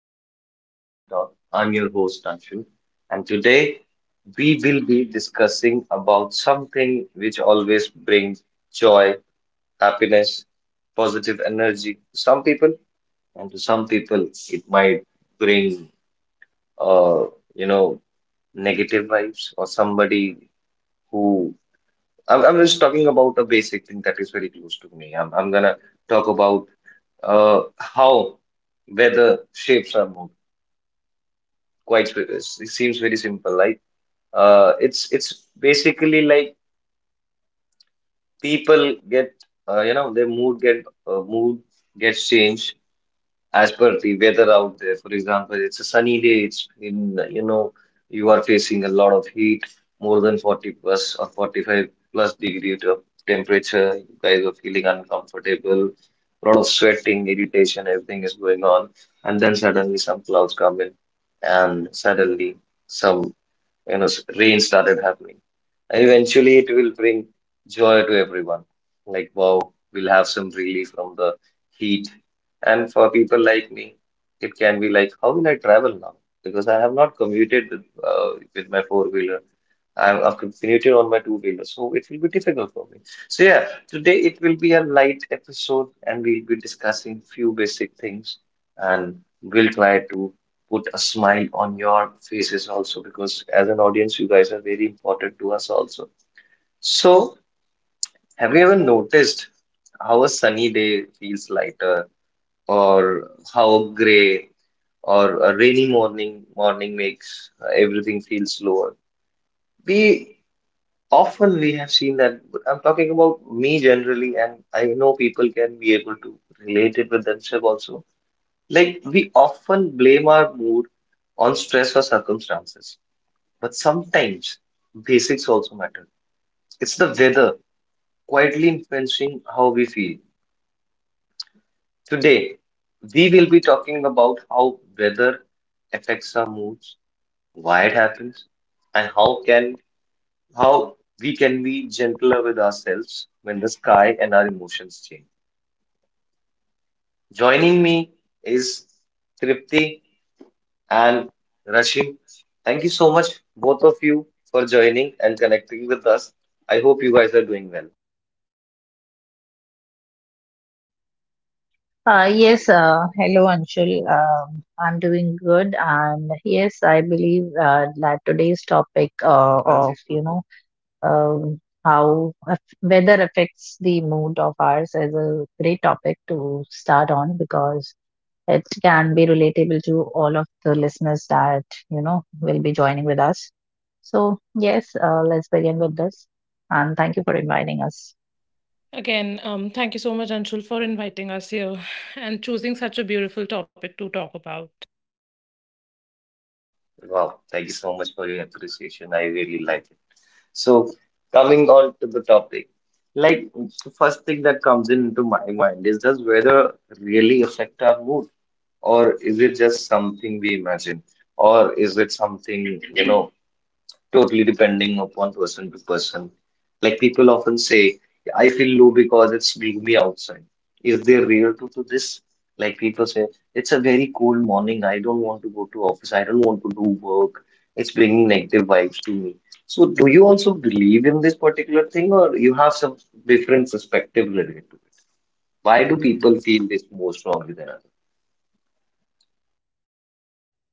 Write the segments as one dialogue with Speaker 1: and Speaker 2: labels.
Speaker 1: Welcome to the 5 p.m. talk. I'm your host, Anshul, and today we will be discussing about something which always brings joy, happiness, positive energy to some people, and to some people it might bring, uh, you know, negative vibes or somebody who I'm just talking about a basic thing that is very close to me. I'm gonna talk about how weather shapes our mood quite sp- it seems very simple, like it's basically like people get their mood gets changed as per the weather out there. For example, it's a sunny day. It's in, you know, you are facing a lot of heat, more than 40 plus or 45 plus degree to temperature. You guys are feeling uncomfortable, a lot of sweating, irritation, everything is going on, and then suddenly some clouds come in, and suddenly some, rain started happening. And eventually it will bring joy to everyone. Like, wow, we'll have some relief from the heat. And for people like me, it can be like, how will I travel now? Because I have not commuted with my four-wheeler. I've commuted on my two-wheeler, so it will be difficult for me. So yeah, today it will be a light episode, and we'll be discussing few basic things, and we'll try to put a smile on your faces also, because as an audience you guys are very important to us also. So have you ever noticed how a sunny day feels lighter, or how a gray or a rainy morning makes everything feel slower? we we have seen that. I'm talking about me generally, and I know people can be able to relate it with themselves also. Like, we often blame our mood on stress or circumstances. But sometimes basics also matter. It's the weather quietly influencing how we feel. Today, we will be talking about how weather affects our moods, why it happens, and how we can be gentler with ourselves when the sky and our emotions change. Joining me is Tripti and Rashim. Thank you so much, both of you, for joining and connecting with us. I hope you guys are doing well.
Speaker 2: Yes, hello Anshul. I'm doing good, and yes, I believe that today's topic of weather affects the mood of ours is a great topic to start on because it can be relatable to all of the listeners that you know will be joining with us. So yes, let's begin with this, and thank you for inviting us.
Speaker 3: Again, thank you so much, Anshul, for inviting us here and choosing such a beautiful topic to talk about.
Speaker 1: Wow, thank you so much for your appreciation. I really like it. So, coming on to the topic, like, the first thing that comes into my mind is, does weather really affect our mood, or is it just something we imagine, or is it something, you know, totally depending upon person to person. Like, people often say, I feel low because it's gloomy outside. Is there real truth to this? Like, people say, it's a very cold morning. I don't want to go to office. I don't want to do work. It's bringing negative vibes to me. So do you also believe in this particular thing, or you have some different perspective related to it? Why do people feel this more strongly than others?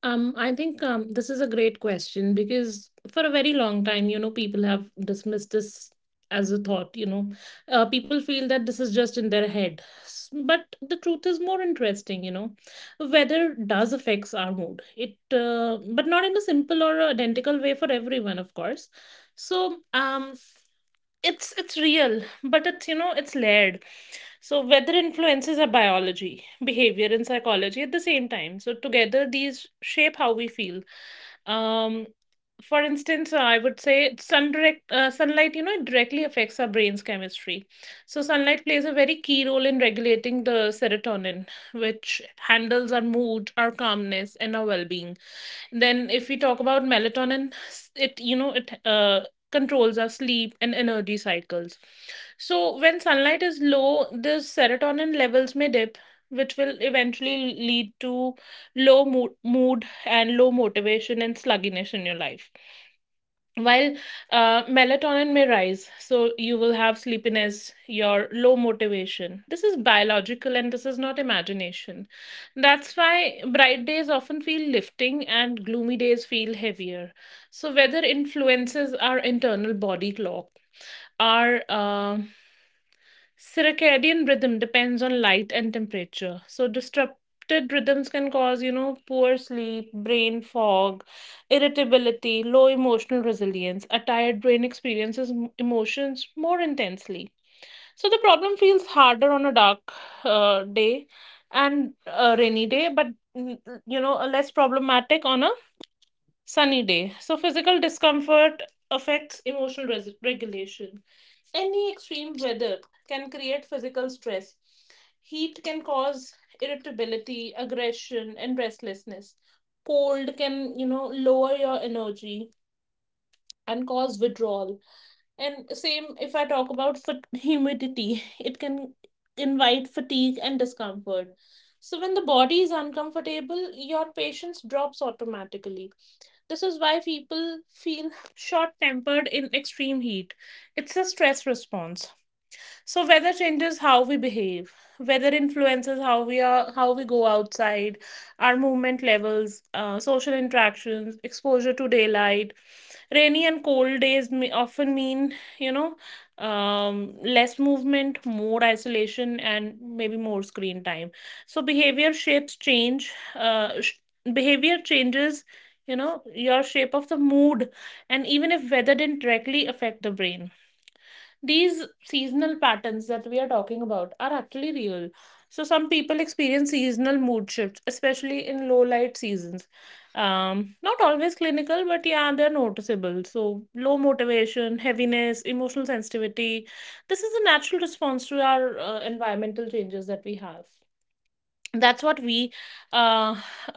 Speaker 3: I think this is a great question because for a very long time, you know, people have dismissed this as a thought. You know, people feel that this is just in their head, but the truth is more interesting. You know, weather does affects our mood. But not in a simple or identical way for everyone, of course. So, it's real, but it's layered. So, weather influences our biology, behavior, and psychology at the same time. So, together, these shape how we feel. Um, for instance, I would say sunlight, you know, it directly affects our brain's chemistry. So, sunlight plays a very key role in regulating the serotonin, which handles our mood, our calmness, and our well being. Then, if we talk about melatonin, it you know it controls our sleep and energy cycles. So, when sunlight is low, the serotonin levels may dip, which will eventually lead to low mood, and low motivation and sluggishness in your life, while melatonin may rise, so you will have sleepiness, your low motivation. This is biological and this is not imagination. That's why bright days often feel lifting and gloomy days feel heavier. So weather influences our internal body clock. Our circadian rhythm depends on light and temperature. So disrupted rhythms can cause, you know, poor sleep, brain fog, irritability, low emotional resilience. A tired brain experiences emotions more intensely. So the problem feels harder on a dark day and a rainy day, but mm, you know, a less problematic on a sunny day. So physical discomfort affects regulation. Any extreme weather can create physical stress. Heat can cause irritability, aggression, and restlessness. Cold can, you know, lower your energy and cause withdrawal. And same if I talk about humidity, it can invite fatigue and discomfort. So when the body is uncomfortable, your patience drops automatically. This is why people feel short tempered in extreme heat. It's a stress response. So weather changes how we behave. Weather influences how we are, how we go outside, our movement levels, social interactions, exposure to daylight. Rainy and cold days may often mean, you know, less movement, more isolation, and maybe more screen time. So behavior changes, you know, your shape of the mood, and even if weather didn't directly affect the brain, these seasonal patterns that we are talking about are actually real. So some people experience seasonal mood shifts, especially in low light seasons. Not always clinical, but yeah, they're noticeable. So low motivation, heaviness, emotional sensitivity. This is a natural response to our environmental changes that we have. that's what we uh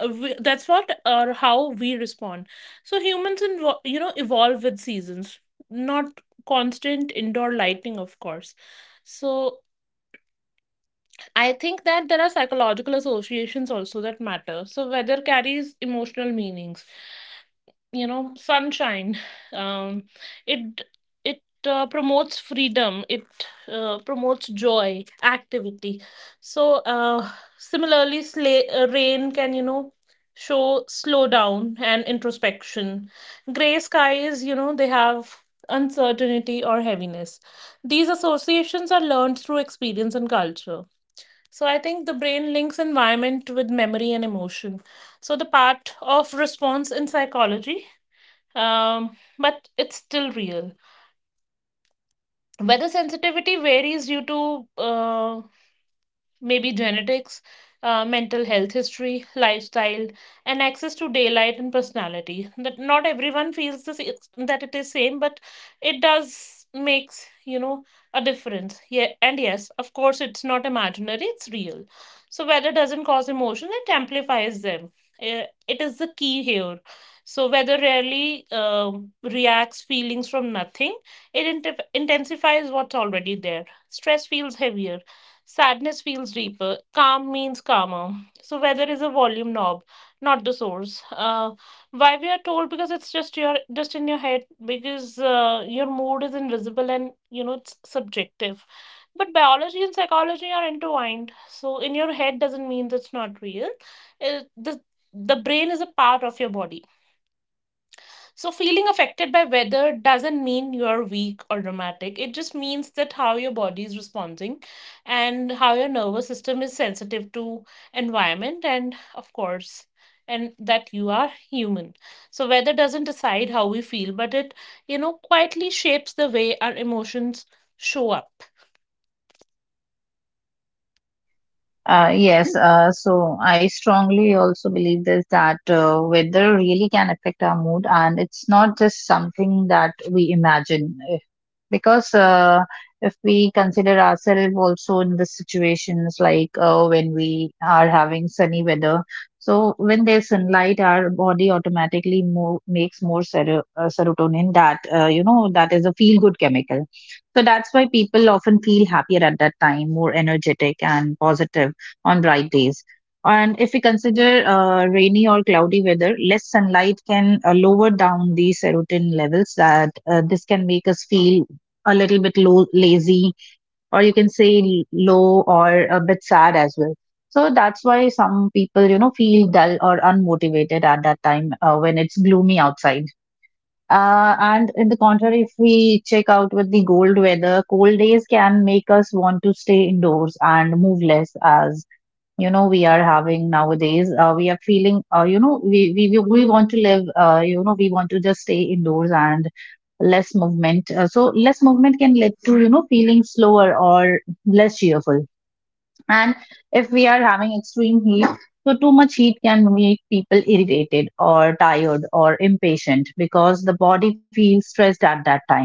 Speaker 3: that's what or how we respond. So humans you know evolve with seasons, not constant indoor lighting, of course. So I think that there are psychological associations also that matter. So weather carries emotional meanings. You know sunshine, um, it it promotes freedom, it promotes joy, activity. So similarly, rain can, you know, show slowdown and introspection. Gray skies, you know, they have uncertainty or heaviness. These associations are learned through experience and culture. So I think the brain links environment with memory and emotion. So the part of response in psychology, but it's still real. Weather sensitivity varies due to maybe genetics, mental health history, lifestyle, and access to daylight and personality. That not everyone feels this that it is same, but it does makes, you know, a difference. Yeah, and yes, of course, it's not imaginary; it's real. So weather doesn't cause emotion; it amplifies them. It is the key here. So weather rarely reacts feelings from nothing. It intensifies what's already there. Stress feels heavier. Sadness feels deeper. Calm means calmer. So weather is a volume knob, not the source. Why we are told because it's just in your head, because your mood is invisible and you know it's subjective. But biology and psychology are intertwined. So in your head doesn't mean that's not real. It, the brain is a part of your body. So, feeling affected by weather doesn't mean you're weak or dramatic. It just means that how your body is responding and how your nervous system is sensitive to environment, and, of course, and that you are human. So, weather doesn't decide how we feel, but it, you know, quietly shapes the way our emotions show up.
Speaker 2: Yes, so I strongly also believe this that weather really can affect our mood, and it's not just something that we imagine. Because if we consider ourselves also in the situations like when we are having sunny weather, so when there's sunlight our body makes more serotonin that, you know, that is a feel good chemical. So that's why people often feel happier at that time, more energetic and positive on bright days. And if we consider rainy or cloudy weather, less sunlight can lower down the serotonin levels, that this can make us feel a little bit low, lazy, or you can say low or a bit sad as well. So that's why some people, you know, feel dull or unmotivated at that time when it's gloomy outside. And in the contrary, if we check out with the cold weather, cold days can make us want to stay indoors and move less. As you know, we are having nowadays, we are feeling, you know, we want to live, you know, we want to just stay indoors and less movement. So less movement can lead to, you know, feeling slower or less cheerful. And if we are having extreme heat, so too much heat can make people irritated or tired or impatient because the body feels stressed at that time.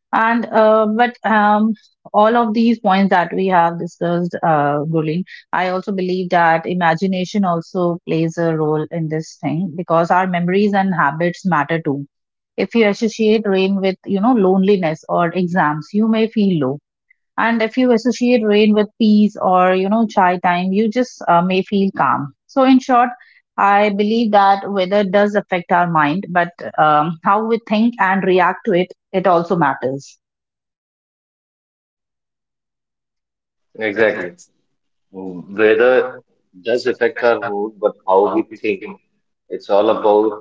Speaker 2: And but all of these points that we have discussed, Gulin, I also believe that imagination also plays a role in this thing because our memories and habits matter too. If you associate rain with, you know, loneliness or exams, you may feel low. And if you associate rain with peace or, you know, chai time, you just may feel calm. So in short, I believe that weather does affect our mind, but how we think and react to it, it also matters.
Speaker 1: Exactly. Weather does affect our mood, but how we think. It's all about,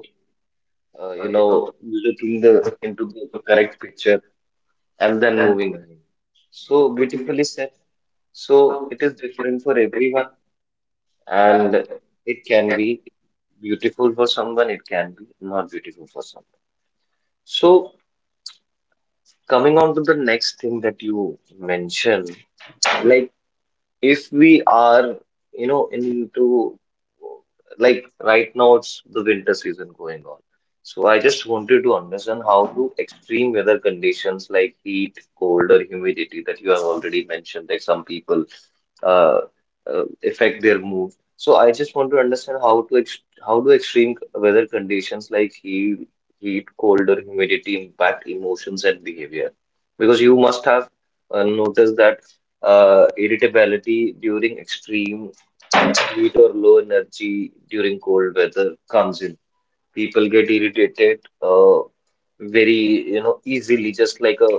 Speaker 1: looking the into the correct picture and then moving ahead. So beautifully said. So it is different for everyone, and it can be beautiful for someone, it can be not beautiful for someone. So coming on to the next thing that you mentioned, like, if we are, you know, into, like, right now it's the winter season going on. So I just wanted to understand, how do extreme weather conditions like heat, cold, or humidity that you have already mentioned that some people uh, affect their mood. So I just want to understand how to ex how do extreme weather conditions like heat, cold, or humidity impact emotions and behavior? Because you must have noticed that irritability during extreme heat or low energy during cold weather comes in. People get irritated, very, you know, easily, just like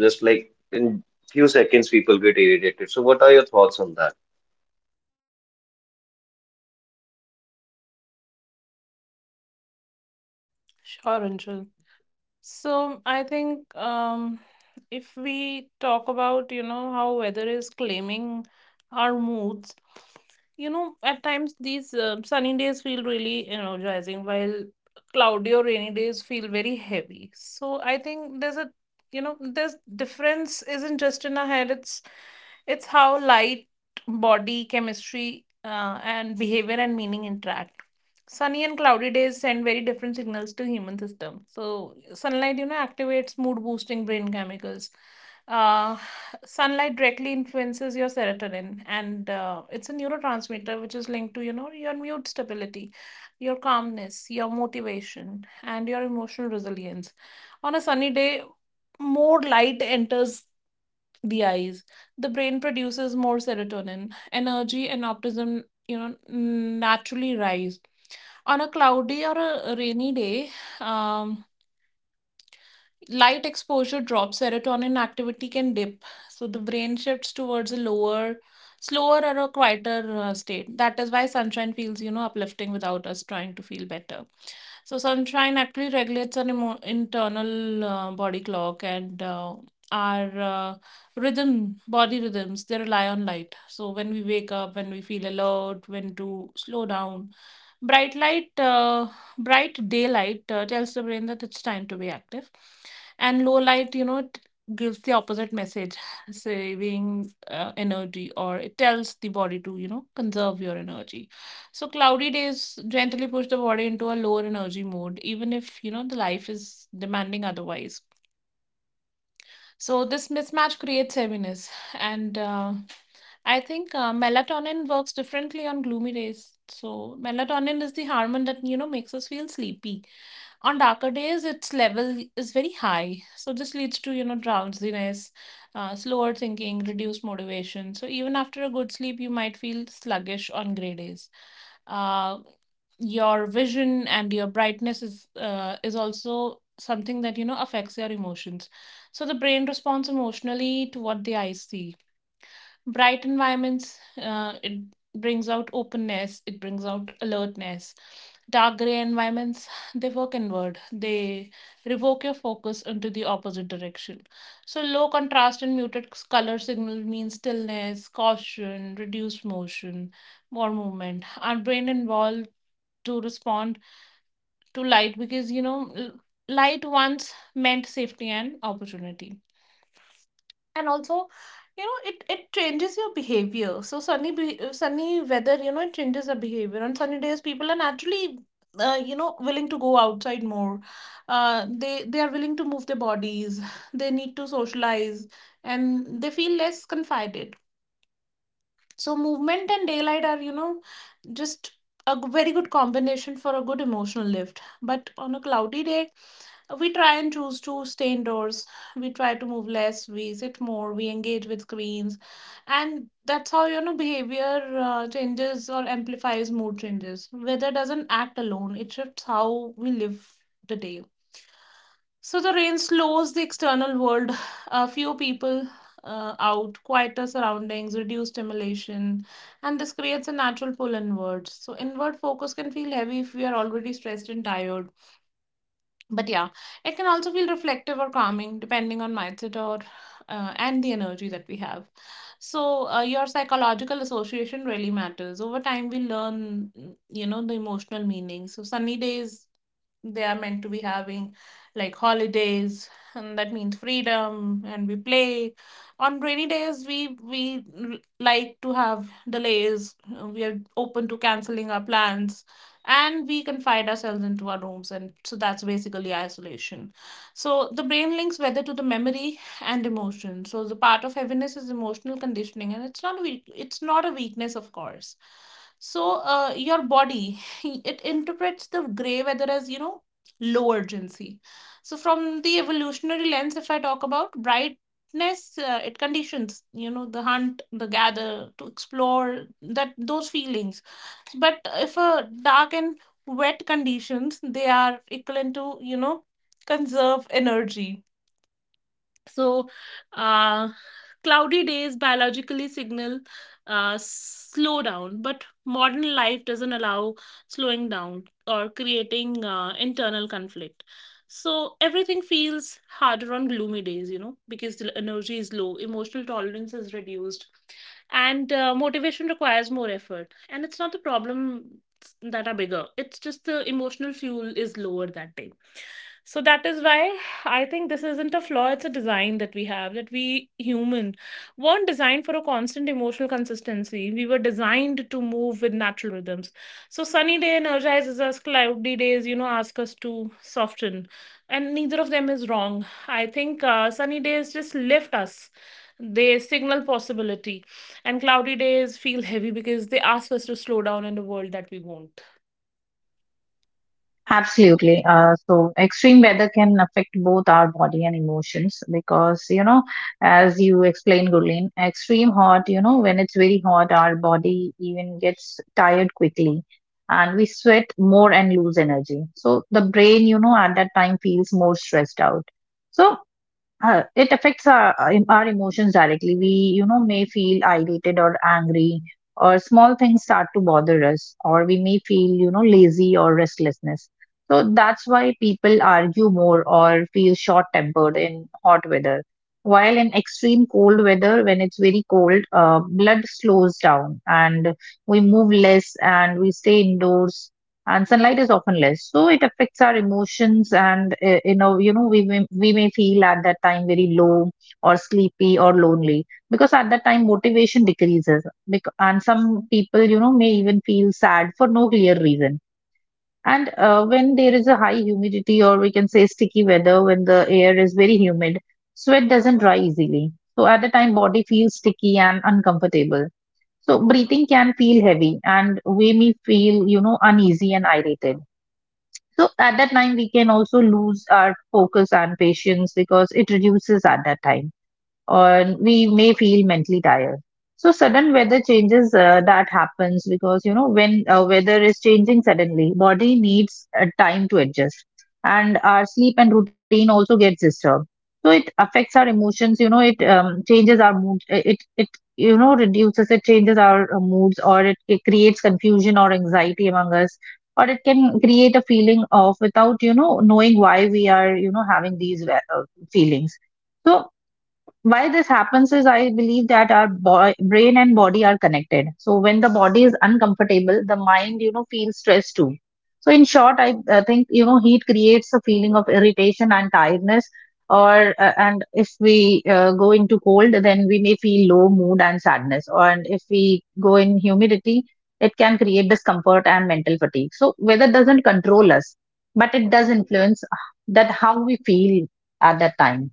Speaker 1: just like in few seconds, people get irritated. So, what are your thoughts on that?
Speaker 3: Sure, Anshul. So I think if we talk about, you know, how weather is claiming our moods, you know, at times these sunny days feel really energizing while cloudy or rainy days feel very heavy. So I think there's a, you know, there's difference isn't just in our head, it's how light, body, chemistry, and behavior and meaning interact. Sunny and cloudy days send very different signals to human system. So sunlight, you know, activates mood boosting brain chemicals. Uh, Sunlight directly influences your serotonin, and it's a neurotransmitter which is linked to, you know, your mood stability, your calmness, your motivation, and your emotional resilience. On a sunny day, more light enters the eyes, the brain produces more serotonin, energy and optimism, you know, naturally rise. On a cloudy or a rainy day, um, light exposure drops, serotonin activity can dip, so the brain shifts towards a lower, slower or a quieter state. That is why sunshine feels, you know, uplifting without us trying to feel better. So sunshine actually regulates an internal body clock, and our rhythm, body rhythms, they rely on light. So when we wake up, when we feel alert, when to slow down, bright light, uh, bright daylight tells the brain that it's time to be active, and low light, you know, it gives the opposite message, saving energy, or it tells the body to, you know, conserve your energy. So cloudy days gently push the body into a lower energy mode, even if you know the life is demanding otherwise. So this mismatch creates heaviness, and I think melatonin works differently on gloomy days. So melatonin is the hormone that you know makes us feel sleepy. On darker days, its level is very high, so this leads to, you know, drowsiness, slower thinking, reduced motivation. So even after a good sleep, you might feel sluggish on gray days. Uh, your vision and your brightness is also something that you know affects your emotions. So the brain responds emotionally to what the eyes see. Bright environments, it brings out openness, it brings out alertness. Dark gray environments, they work inward, they revoke your focus into the opposite direction. So low contrast and muted color signal means stillness, caution, reduced motion, more movement. Our brain involved to respond to light, because you know light once meant safety and opportunity. And also, you know, it changes your behavior. So sunny weather, you know, it changes the behavior. On sunny days people are naturally you know willing to go outside more. They are willing to move their bodies, they need to socialize, and they feel less confided. So movement and daylight are, you know, just very good combination for a good emotional lift. But on a cloudy day, we try and choose to stay indoors. We try to move less, we sit more, we engage with screens. And that's how, you know, behavior changes or amplifies mood changes. Weather doesn't act alone, it shifts how we live the day. So the rain slows the external world. A few people out, quieter surroundings, reduced stimulation, and this creates a natural pull inwards. So, inward focus can feel heavy if we are already stressed and tired, but yeah, it can also feel reflective or calming depending on mindset or and the energy that we have. So your psychological association really matters. Over time we learn, you know, the emotional meaning. So sunny days, they are meant to be having, like, holidays, and that means freedom and we play. On rainy days, we like to have delays, we are open to canceling our plans and we confine ourselves into our rooms, and so that's basically isolation. So the brain links weather to the memory and emotion. So the part of heaviness is emotional conditioning, and it's not weak, it's not a weakness, of course. So your body it interprets the gray weather as, you know, low urgency. So from the evolutionary lens, if I talk about brightness, it conditions, you know, the hunt, the gather, to explore, that those feelings. But if a dark and wet conditions, they are equivalent to, you know, conserve energy. So, uh, cloudy days biologically signal slow down, but modern life doesn't allow slowing down, or creating internal conflict. So, everything feels harder on gloomy days, you know, because the energy is low, emotional tolerance is reduced, and motivation requires more effort. And it's not the problem that are bigger, it's just the emotional fuel is lower that day. So that is why I think this isn't a flaw, it's a design that we have, that we human weren't designed for a constant emotional consistency. We were designed to move with natural rhythms. So sunny day energizes us, cloudy days, you know, ask us to soften. And neither of them is wrong. I think sunny days just lift us. They signal possibility, and cloudy days feel heavy because they ask us to slow down in the world that we want.
Speaker 2: Absolutely. So extreme weather can affect both our body and emotions because, you know, as you explained, Gurleen, extreme hot, you know, when it's very hot, our body even gets tired quickly and we sweat more and lose energy. So the brain, you know, at that time feels more stressed out. So it affects our emotions directly. We, you know, may feel irritated or angry, or small things start to bother us, or we may feel, you know, lazy or restlessness. So that's why people argue more or feel short tempered in hot weather. While in extreme cold weather, when it's very cold, blood slows down and we move less and we stay indoors, and sunlight is often less. So it affects our emotions and, you know, you know, we may feel at that time very low or sleepy or lonely because at that time motivation decreases. And some people, you know, may even feel sad for no clear reason. And When there is a high humidity, or we can say sticky weather, when the air is very humid, sweat doesn't dry easily, so at the time body feels sticky and uncomfortable. So breathing can feel heavy, and we may feel, you know, uneasy and irritated. So at that time, we can also lose our focus and patience because it reduces at that time, or we may feel mentally tired. So sudden weather changes that happens because, you know, when weather is changing suddenly, body needs time to adjust, and our sleep and routine also gets disturbed. So it affects our emotions. You know, it changes our mood. It you know, reduces it changes our moods, or it creates confusion or anxiety among us, or it can create a feeling of, without you know knowing why, we are, you know, having these feelings. So why this happens is, I believe that our brain and body are connected. So when the body is uncomfortable, the mind, you know, feels stress too. So in short, I think, you know, heat creates a feeling of irritation and tiredness, or and if we go into cold, then we may feel low mood and sadness, or and if we go in humidity, it can create discomfort and mental fatigue. So weather doesn't control us, but it does influence that how we feel at that time.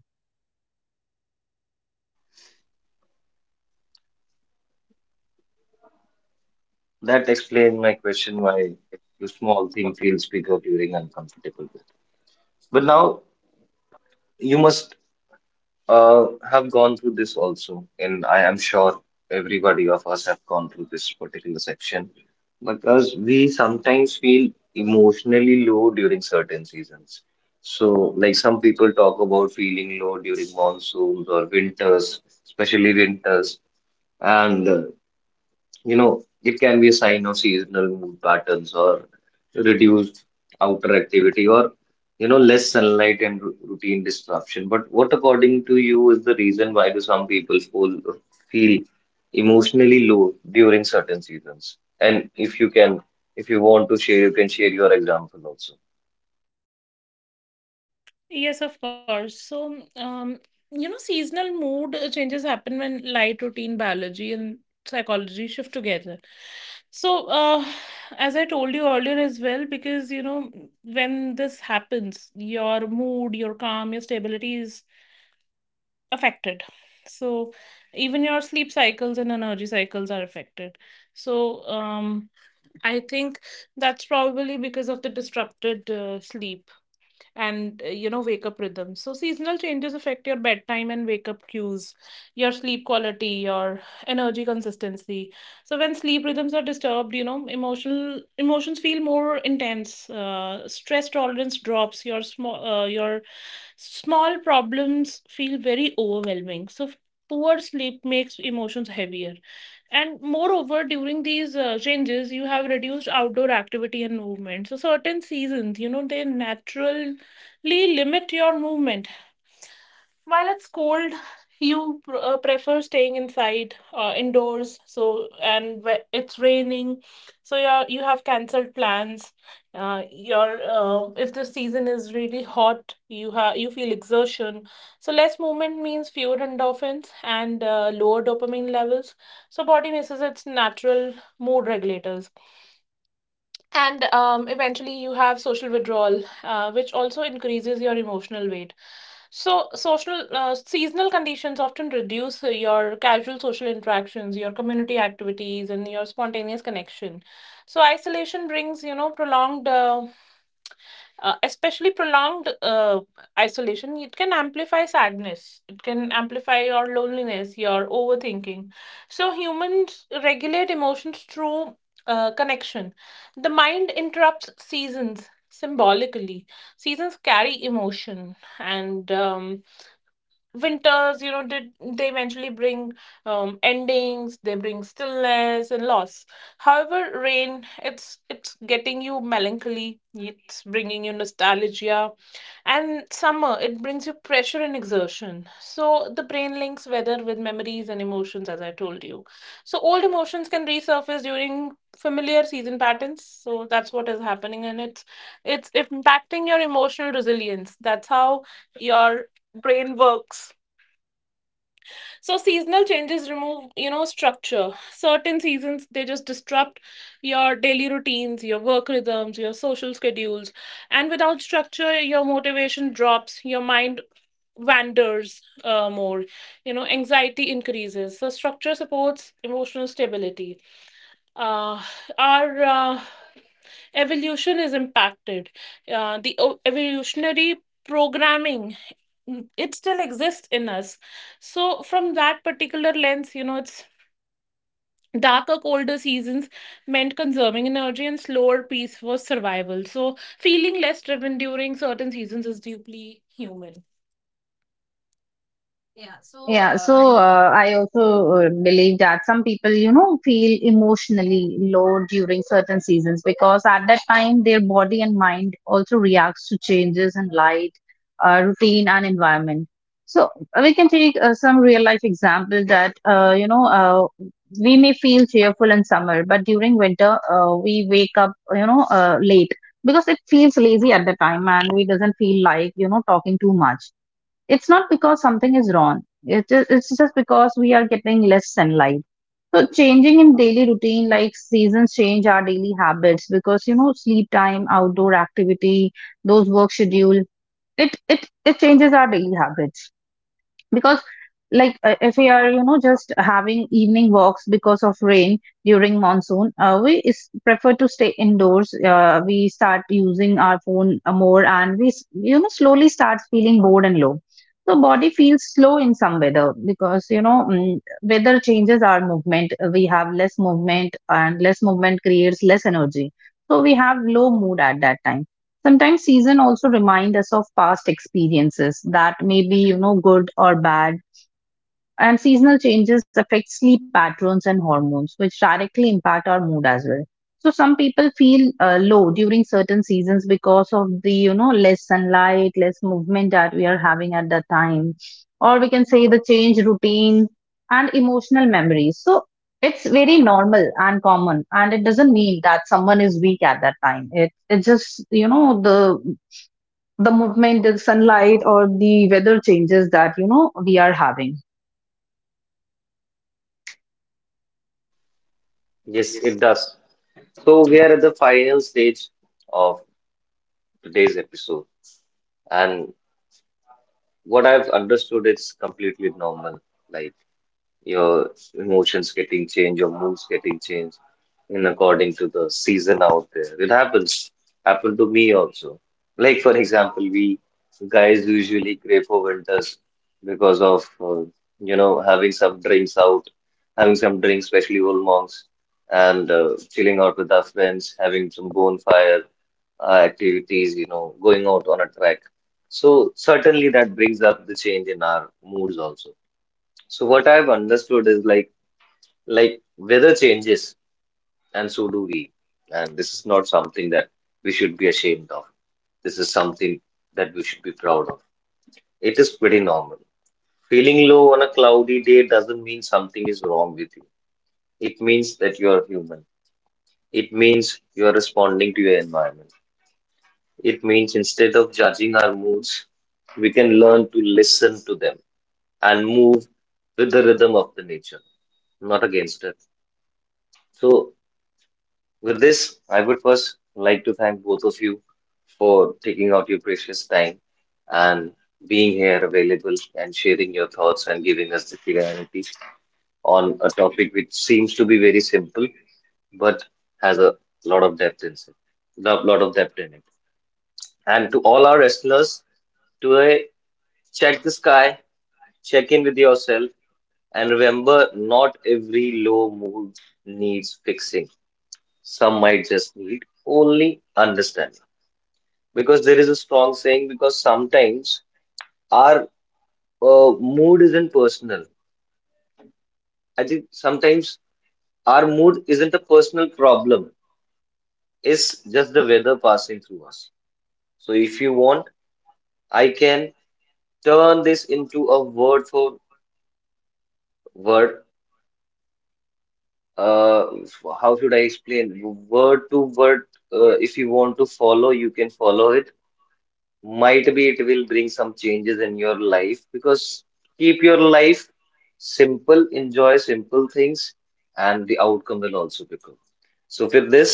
Speaker 1: That explains my question, why the small thing feels bigger during uncomfortable weather. But now you must have gone through this also, and I am sure everybody of us have gone through this particular section, because we sometimes feel emotionally low during certain seasons. So, like, some people talk about feeling low during monsoons or winters, especially winters, and, you know, it can be a sign of seasonal mood patterns or reduced outer activity, or, you know, less sunlight and routine disruption. But what, according to you, is the reason why do some feel emotionally low during certain seasons? And if you can, if you want to share, you can share your example also.
Speaker 3: Yes, of course. So, you know, seasonal mood changes happen when light, routine, biology, and psychology shift together. So, as I told you earlier as well, because, you know, when this happens, your mood, your calm, your stability is affected. So, even your sleep cycles and energy cycles are affected. So, I think that's probably because of the disrupted sleep and you know, wake up rhythms. So seasonal changes affect your bedtime and wake up cues, your sleep quality, your energy consistency. So when sleep rhythms are disturbed, you know, emotional emotions feel more intense, stress tolerance drops, your small problems feel very overwhelming. So poor sleep makes emotions heavier. And moreover, during these changes, you have reduced outdoor activity and movement. So, certain seasons, you know, they naturally limit your movement. While it's cold, you prefer staying inside, indoors. So, and it's raining, so yeah, you have cancelled plans. Your If the season is really hot, you have you feel exertion. So less movement means fewer endorphins and lower dopamine levels. So body misses its natural mood regulators. And eventually, you have social withdrawal, which also increases your emotional weight. So, social seasonal conditions often reduce your casual social interactions, your community activities, and your spontaneous connection. So, isolation brings, you know, prolonged, especially prolonged isolation. It can amplify sadness. It can amplify your loneliness, your overthinking. So, humans regulate emotions through connection. The mind interrupts seasons symbolically. Seasons carry emotion. And winters, you know, did they eventually bring endings, they bring stillness and loss. However, rain, it's getting you melancholy, it's bringing you nostalgia. And summer, it brings you pressure and exertion. So the brain links weather with memories and emotions, as I told you. So old emotions can resurface during familiar season patterns. So that's what is happening, and it's impacting your emotional resilience. That's how your brain works. So seasonal changes remove, you know, structure. Certain seasons, they just disrupt your daily routines, your work rhythms, your social schedules, and without structure, your motivation drops, your mind wanders more, you know, anxiety increases. So structure supports emotional stability. Uh, our evolution is impacted. The evolutionary programming, it still exists in us. So, from that particular lens, you know, it's darker, colder seasons meant conserving energy, and slower pace was survival. So, feeling less driven during certain seasons is deeply human.
Speaker 2: Yeah, so I also believe that some people, you know, feel emotionally low during certain seasons because at that time their body and mind also reacts to changes in light, routine, and environment. So we can take some real life example that we may feel cheerful in summer, but during winter we wake up, you know, late because it feels lazy at the time, and we doesn't feel like, you know, talking too much. It's not because something is wrong. It's just because we are getting less sunlight. So changing in daily routine, like seasons change our daily habits because, you know, sleep time, outdoor activity, those work schedule. It changes our daily habits because, like, if we are, you know, just having evening walks, because of rain during monsoon, we is prefer to stay indoors. We start using our phone more, and we you know, slowly starts feeling bored and low. So body feels slow in some weather because, you know, weather changes our movement. We have less movement, and less movement creates less energy, so we have low mood at that time. Sometimes season also remind us of past experiences that may be, you know, good or bad. And seasonal changes affect sleep patterns and hormones, which directly impact our mood as well. So some people feel low during certain seasons because of the, you know, less sunlight, less movement that we are having at that time, or we can say the change routine and emotional memories. So it's very normal and common, and it doesn't mean that someone is weak at that time. It's just, you know, the movement, the sunlight, or the weather changes that, you know, we are having.
Speaker 1: Yes, it does. So we are at the final stage of today's episode, and what I've understood, it's completely normal. Like, your emotions getting changed, your moods getting changed in according to the season out there. It happens. Happened to me also. Like, for example, we guys usually crave for winters because of, you know, having some drinks out, having some drinks, especially old monks, and chilling out with our friends, having some bonfire activities, you know, going out on a track. So certainly that brings up the change in our moods also. So what I've understood is, like weather changes, and so do we. And this is not something that we should be ashamed of. This is something that we should be proud of. It is pretty normal. Feeling low on a cloudy day doesn't mean something is wrong with you. It means that you are human. It means you are responding to your environment. It means instead of judging our moods, we can learn to listen to them and move with the rhythm of the nature, not against it. So, with this, I would first like to thank both of you for taking out your precious time and being here available and sharing your thoughts and giving us the clarity on a topic which seems to be very simple but has a lot of depth in it. Lot of depth in it. And to all our listeners, to check the sky, check in with yourself, and remember, not every low mood needs fixing. Some might just need only understanding, because there is a strong saying, because sometimes our, uh, mood isn't personal. I think sometimes our mood isn't a personal problem. It's just the weather passing through us. So if you want, I can turn this into a word for word, uh, how should I explain, word to word, if you want to follow, you can follow it. Might be it will bring some changes in your life. Because keep your life simple, enjoy simple things, and the outcome will also be good. So, with this,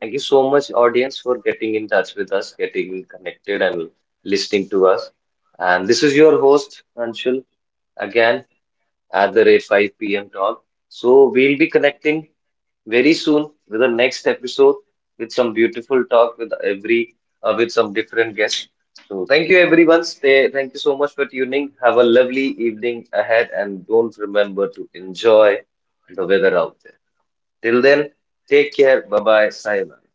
Speaker 1: thank you so much, audience, for getting in touch with us, getting connected, and listening to us. And this is your host, Anshul, again at the rate 5 p.m. talk. So, we'll be connecting very soon with the next episode with some beautiful talk with every, with some different guests. So thank you everyone. Stay. Thank you so much for tuning. Have a lovely evening ahead, and don't remember to enjoy the weather out there. Till then, take care. Bye bye. Sayonara.